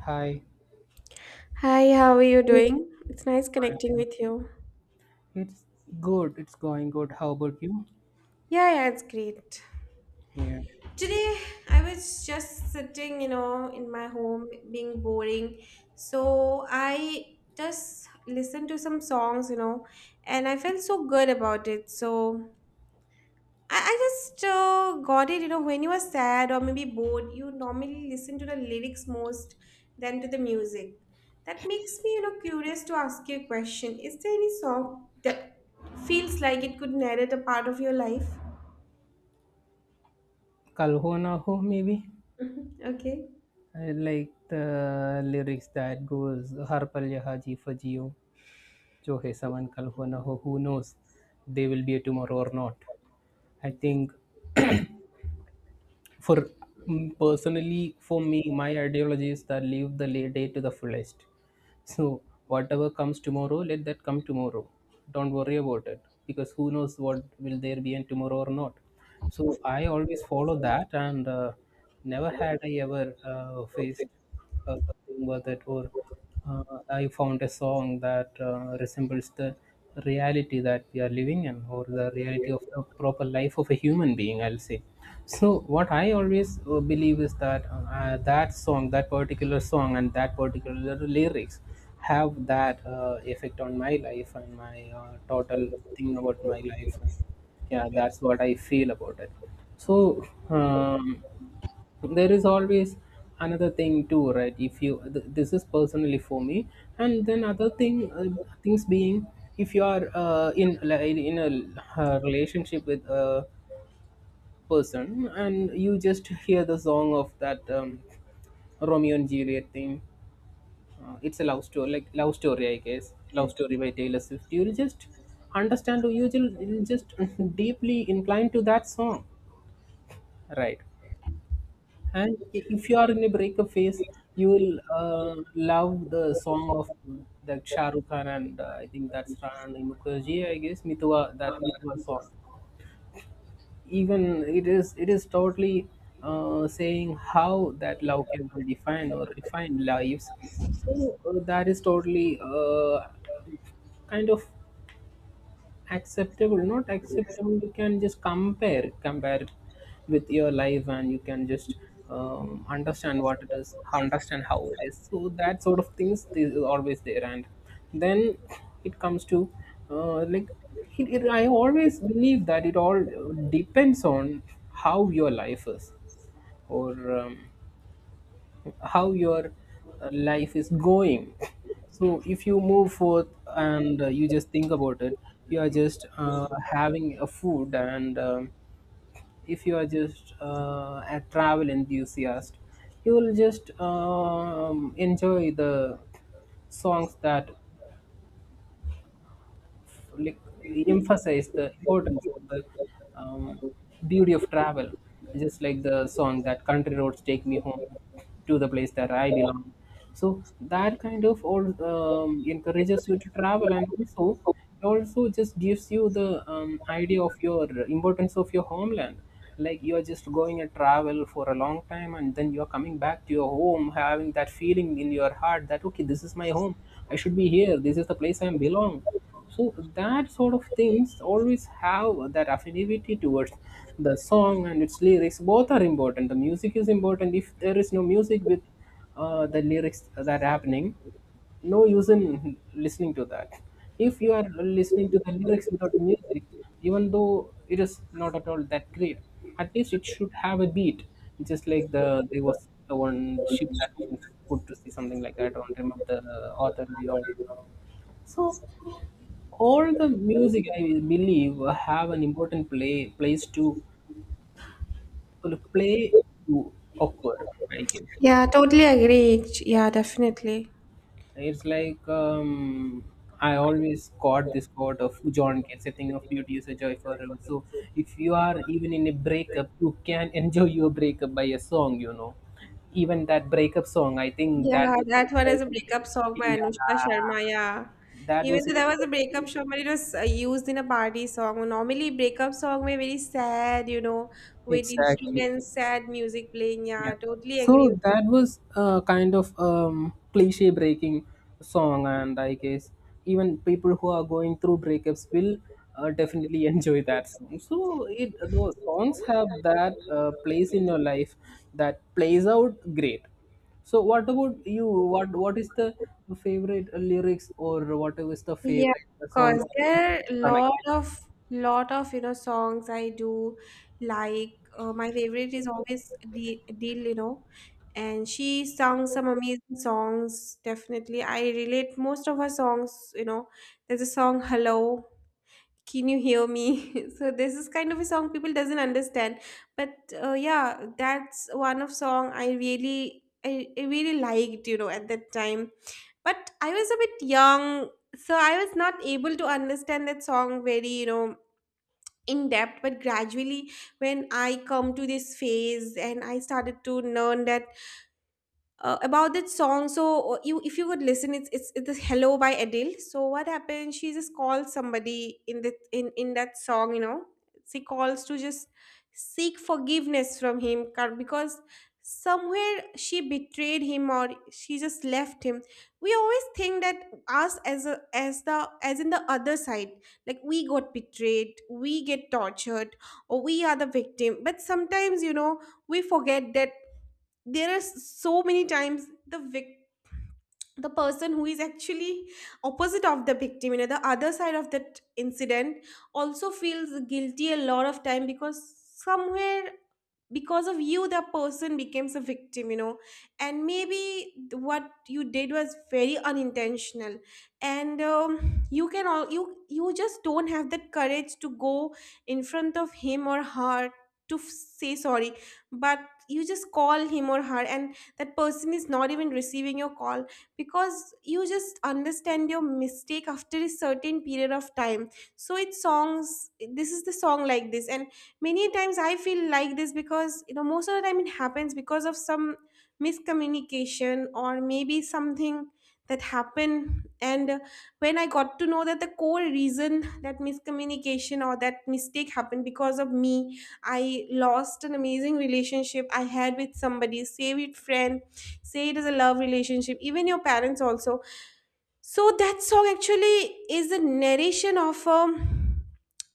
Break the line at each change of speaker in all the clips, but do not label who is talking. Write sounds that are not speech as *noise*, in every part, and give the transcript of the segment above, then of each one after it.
Hi.
Hi, how are you doing? It's nice connecting
Um,
with you.
It's good. It's going good. How about you?
Yeah, it's great.
Yeah.
Today I was just sitting, you know, in my home being boring. So I just listened to some songs, you know, and I felt so good about it. So I just got it, you know, when you are sad or maybe bored, you normally listen to the lyrics most than to the music. That makes me, you know, curious to ask you a question. Is there any song that feels like it could narrate a part of your life? *laughs*
Kal ho na ho, maybe.
Mhm. Okay.
I like the lyrics that goes Har pal yeh jeeva jiyo. Jo hai saman kal ho na ho. Who knows? They will be a tomorrow or not. I think For personally, for me, my ideology is that live the day to the fullest. So whatever comes tomorrow, let that come tomorrow. Don't worry about it because who knows what will there be in tomorrow or not. So I always follow that, and never had I ever faced a thing with it, or uh, I found a song that resembles the reality that we are living in, or the reality of the proper life of a human being, I'll say. So, what I always believe is that that song, that particular song, and that particular lyrics have that effect on my life and my total thing about my life. Yeah, that's what I feel about it. So, um, so, there is always another thing too, right? If you this is personally for me, and then other things being, if you are in, like, in a relationship with a person and you just hear the song of that Romeo and Juliet thing. It's a love story. Like, Love Story, I guess, Love
Yes.
Story by Taylor Swift. You'll just understand, or you'll just *laughs* deeply inclined to that song, right? And if you are in a breakup phase, you will love the song of that Shah Rukh Khan and, I think that's Rana Mukherjee, I guess, Mitwa, that Mitwa song. Even it is totally saying how that love can redefine or refine lives. So that is totally, kind of acceptable, not acceptable. You can just compare it with your life, and you can just understand what it is, understand how it is. So that sort of things is always there, and then it comes to, uh, like I always believe that it all depends on how your life is, or how your life is going. *laughs* So if you move forth, and you just think about it, you are just having a food, and if you are just a travel enthusiast, you will just enjoy the songs that, like, emphasize the importance of the um, beauty of travel, just like the song that country roads, take me home, to the place that I belong. So that kind of all encourages you to travel, and also it also just gives you the idea of your importance of your homeland. Like, you are just going and travel for a long time, and then you are coming back to your home, having that feeling in your heart that, okay, this is my home. I should be here. This is the place I belong. So that sort of things always have that affinity towards the song and its lyrics. Both are important. The music is important. If there is no music with the lyrics that happening, no use in listening to that. If you are listening to the lyrics without music, even though it is not at all that great, at least it should have a beat. Just like the there was the one ship that was put to sea, something like that. I don't remember the author and all. So all the music I believe have an important play place to play, to occur, I guess.
Yeah, totally agree.
Yeah.
Yeah, definitely.
It's like, I always caught this quote of John Keats, a thing of beauty is a joy forever. So if you are even in a breakup, you can *laughs* enjoy your breakup by a song, you know? Even that breakup song, I think that
Yeah,
was it.
that one is a breakup
*laughs*
song by
Yeah,
Anushka Sharma. Yeah,
that
even
was
though
it.
that was a breakup song, but it was used in a party song. Normally, breakup song may very sad, you know, with
Exactly.
instruments, sad music playing. Yeah,
Yeah.
totally agree.
So that was a kind of cliche breaking song, and I guess even people who are going through breakups will definitely *laughs* enjoy that song. So it those songs have that place in your life, that plays out great. So what about you? What is the favorite lyrics, or what is the
Yeah,
favorite
of
song
course.
that you
There are
connect
lot
with?
of lot of you know songs I do like. My favorite is always Dil, Dil, you know, and she sung some amazing songs. Definitely, I relate most of her songs. You know, there's a song "Hello," can you hear me? *laughs* So this is kind of a song people doesn't understand, but yeah, that's one of song I really I really liked, you know, at that time, but I was a bit young, so I was not able to understand that song very, you know, in depth, but gradually, when I come to this phase and I started to learn that about that song. So you, if you would listen, it's hello by adele. So what happened, she just called somebody in the in that song, you know, she calls to just seek forgiveness from him because somewhere she betrayed him or she just left him. We always think that us as a as the as in the other side, like we got betrayed, we get tortured, or we are the victim. But sometimes, you know, we forget that there are so many times the person who is actually opposite of the victim, you know, the other side of that incident, also feels guilty a lot of time, because somewhere, because of you, the person becomes a victim, you know. And maybe what you did was very unintentional, and you can all you just don't have that courage to go in front of him or her to say sorry. But you just call him or her, and that person is not even receiving your call, because you just understand your mistake after a certain period of time. So it's songs, this is the song like this. And many times I feel like this, because, you know, most of the time it happens because of some miscommunication or maybe something that happened. And when I got to know that the core reason that miscommunication or that mistake happened because of me, I lost an amazing relationship I had with somebody, say it friend, say it is a love relationship, even your parents also. So that song actually is a narration of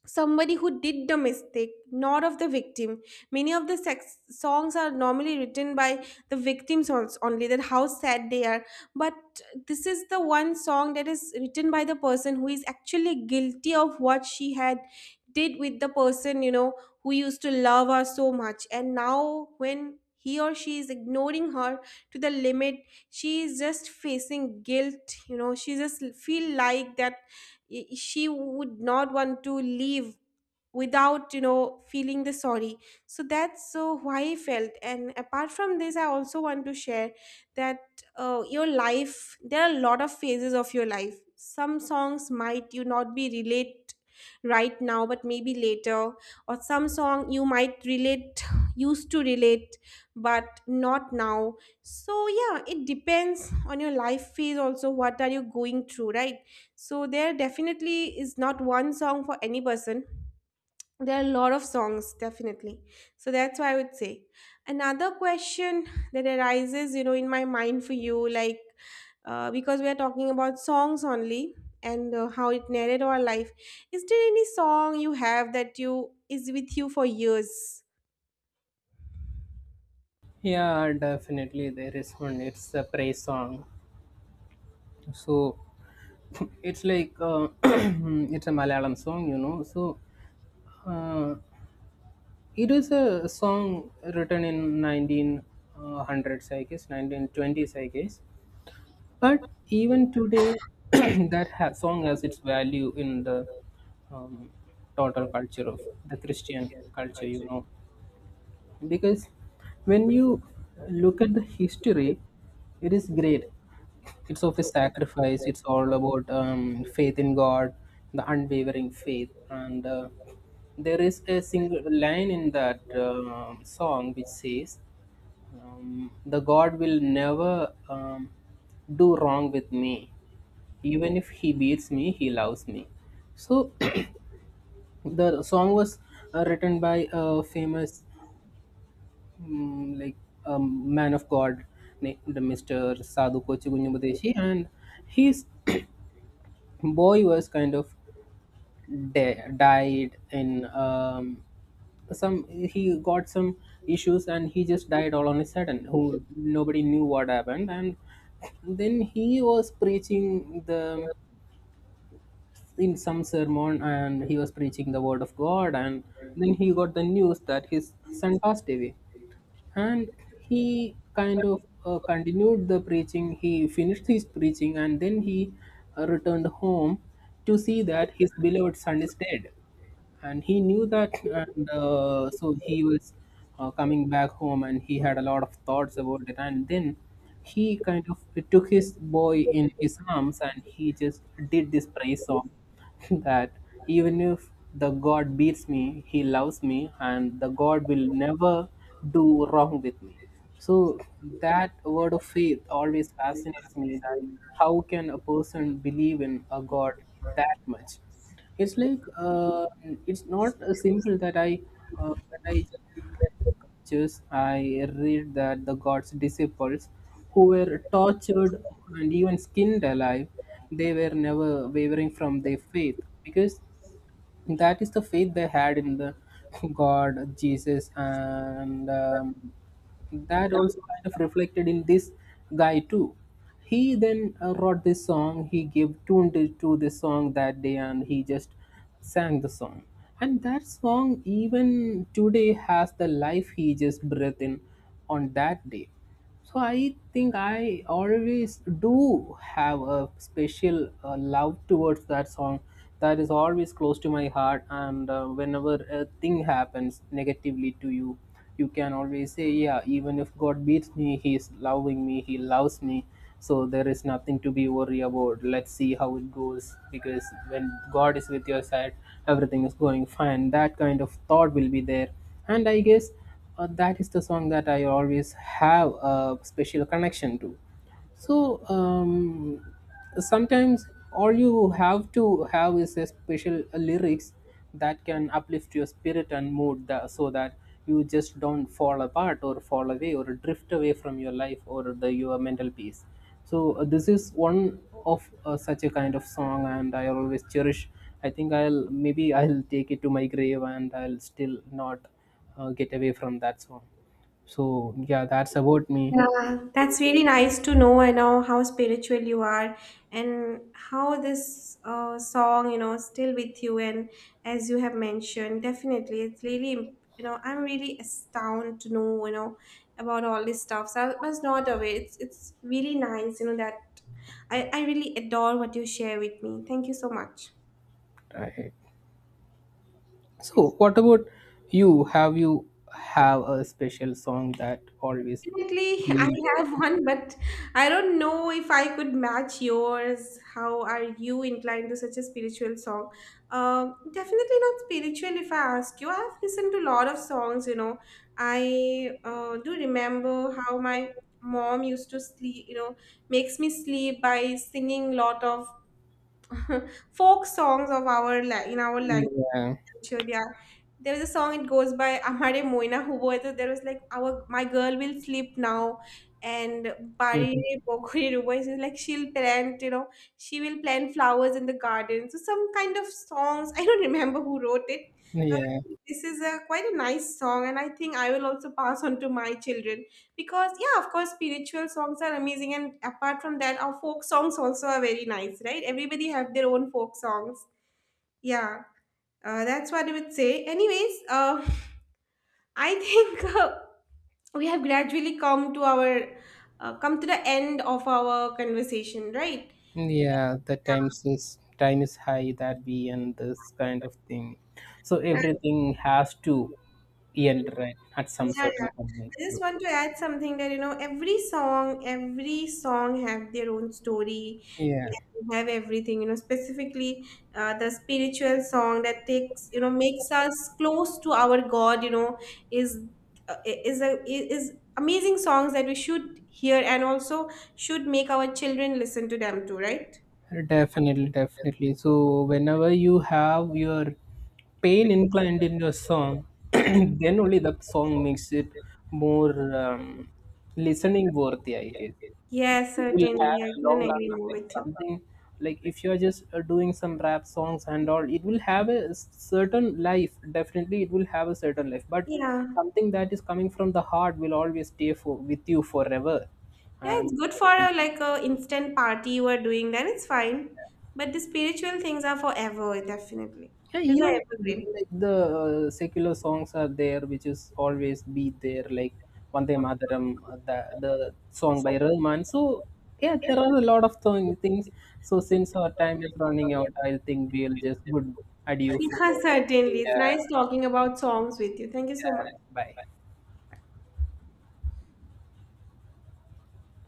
somebody who did the mistake, not of the victim. Many of the sex songs are normally written by the victims only, that how sad they are. But this is the one song that is written by the person who is actually guilty of what she had did with the person, you know, who used to love her so much. And now when he or she is ignoring her to the limit, she is just facing guilt, you know, she just feel like that she would not want to leave without, you know, feeling the sorry. So that's so why I felt. And apart from this, I also want to share that your life, there are a lot of phases of your life. Some songs might you not be relate right now, but maybe later. Or some song you might relate, used to relate, but not now. So yeah, it depends on your life phase also, what are you going through, right? So there definitely is not one song for any person, there are a lot of songs definitely. So that's why I would say another question that arises, you know, in my mind for you, like, because we are talking about songs only, and how it narrated our life, is there any song you have that you is with you for years?
Yeah, definitely there is one. It's a praise song. So it's like, *clears throat* it's a Malayalam song, you know. So uh, it is a song written in 1900s, I guess, 1920s, I guess. But even today, *clears throat* that song has its value in the um, total culture of the Christian culture, you know, because when you look at the history, it is great. It's of a sacrifice. It's all about faith in God, the unwavering faith. And there is a single line in that song which says, "The God will never, do wrong with me." Even if He beats me, He loves me. So *clears throat* the song was written by a famous, mm, like um, man of God named Mr. Sadhu Kochi Gunyamudeshi, and he's *clears throat* boy was kind of died in, some, he got some issues, and he just died all on a sudden. Who, nobody knew what happened. And then he was preaching the, in some sermon, and he was preaching the word of God, and then he got the news that his son passed away. And he kind of continued the preaching, he finished his preaching, and then he returned home to see that his beloved son is dead. And he knew that, and so he was coming back home, and he had a lot of thoughts about it, and then he kind of took his boy in his arms, and he just did this praise song *laughs* that even if the God beats me, He loves me, and the God will never do wrong with me. So that word of faith always fascinates me, that how can a person believe in a God that much. It's like, it's not simple that I when I scriptures, I read that the gods' disciples, who were tortured and even skinned alive, they were never wavering from their faith, because that is the faith they had in the *laughs* God, Jesus, and that also kind of reflected in this guy too. He then wrote this song. He gave tune to, this song that day, and he just sang the song. And that song even today has the life he just breathed in on that day. So I think I always do have a special love towards that song, that is always close to my heart. And whenever a thing happens negatively to you, you can always say, yeah, even if God beats me, He's loving me, He loves me. So there is nothing to be worried about. Let's see how it goes. Because when God is with your side, everything is going fine. That kind of thought will be there. And I guess that is the song that I always have a special connection to. So, sometimes all you have to have is a special lyrics that can uplift your spirit and mood, so that you just don't fall apart or fall away or drift away from your life or the your mental peace. So this is one of such a kind of song, and I always cherish. I think I'll, maybe I'll take it to my grave, and I'll still not get away from that song. So yeah, that's about me.
Yeah, that's really nice to know. I know how spiritual you are and how this song, you know, still with you. And as you have mentioned, definitely, it's really, you know, I'm really astounded to know, you know, about all this stuff. So I was not aware. It's really nice, you know, that I really adore what you share with me. Thank you so much.
I, so what about you? Have you have a special song that always
Definitely, I
be.
have one, but I don't know if I could match yours. How are you inclined to such a spiritual song? Definitely not spiritual if I ask you. I have listened to a lot of songs, you know. I do remember how my mom used to sleep, you know, makes me sleep by singing lot of *laughs* folk songs of our in our language.
Yeah.
Sure, yeah. There was a song, it goes by Amare Moina Hubo. So there was like our my girl will sleep now, and Bari
Mhm.
Re Pokori Rubo is like she'll plant, you know, she will plant flowers in the garden. So some kind of songs. I don't remember who wrote it. Uh,
Yeah.
this is a quite a nice song, and I think I will also pass on to my children, because yeah, of course spiritual songs are amazing, and apart from that our folk songs also are very nice, right? Everybody have their own folk songs. Yeah. That's what I would say. Anyways, *laughs* I think we have gradually come to our come to the end of our conversation, right?
Yeah, the time is high that we end this kind of thing. So everything has to end, right, at some
Yeah, yeah.
certain point.
I just want to add something that, you know, every song have their own story,
Yeah.
and have everything. You know, specifically the spiritual song that takes, you know, makes us close to our God. You know, is is a is amazing songs that we should hear, and also should make our children listen to them too, right?
Definitely, definitely. So whenever you have your pain inclined in your song, *clears throat* then only the song makes it more listening worthy, I guess.
Yes,
It will
certainly.
have
I
a
couldn't
long
agree
lasting,
more
like,
with you.
something. Like, if you are just doing some rap songs and all, it will have a certain life. Definitely, it will have a certain life. But
Yeah.
something that is coming from the heart will always stay for with you forever,
Yeah, it's
and.
good for
uh,
a like a instant party you are doing, then it's fine. But the spiritual things are forever, definitely.
Yeah,
These are
even
evergreen.
like the secular songs are there, which is always be there, like Vande Mataram, uh,
*laughs*
the, the song by Rahman. So, yeah, there are a lot of things. So, since our time is running out, I think we'll just good adieu for
Yeah, certainly.
the.
It's nice
Yeah,
talking about songs with you. Thank you so much.
bye.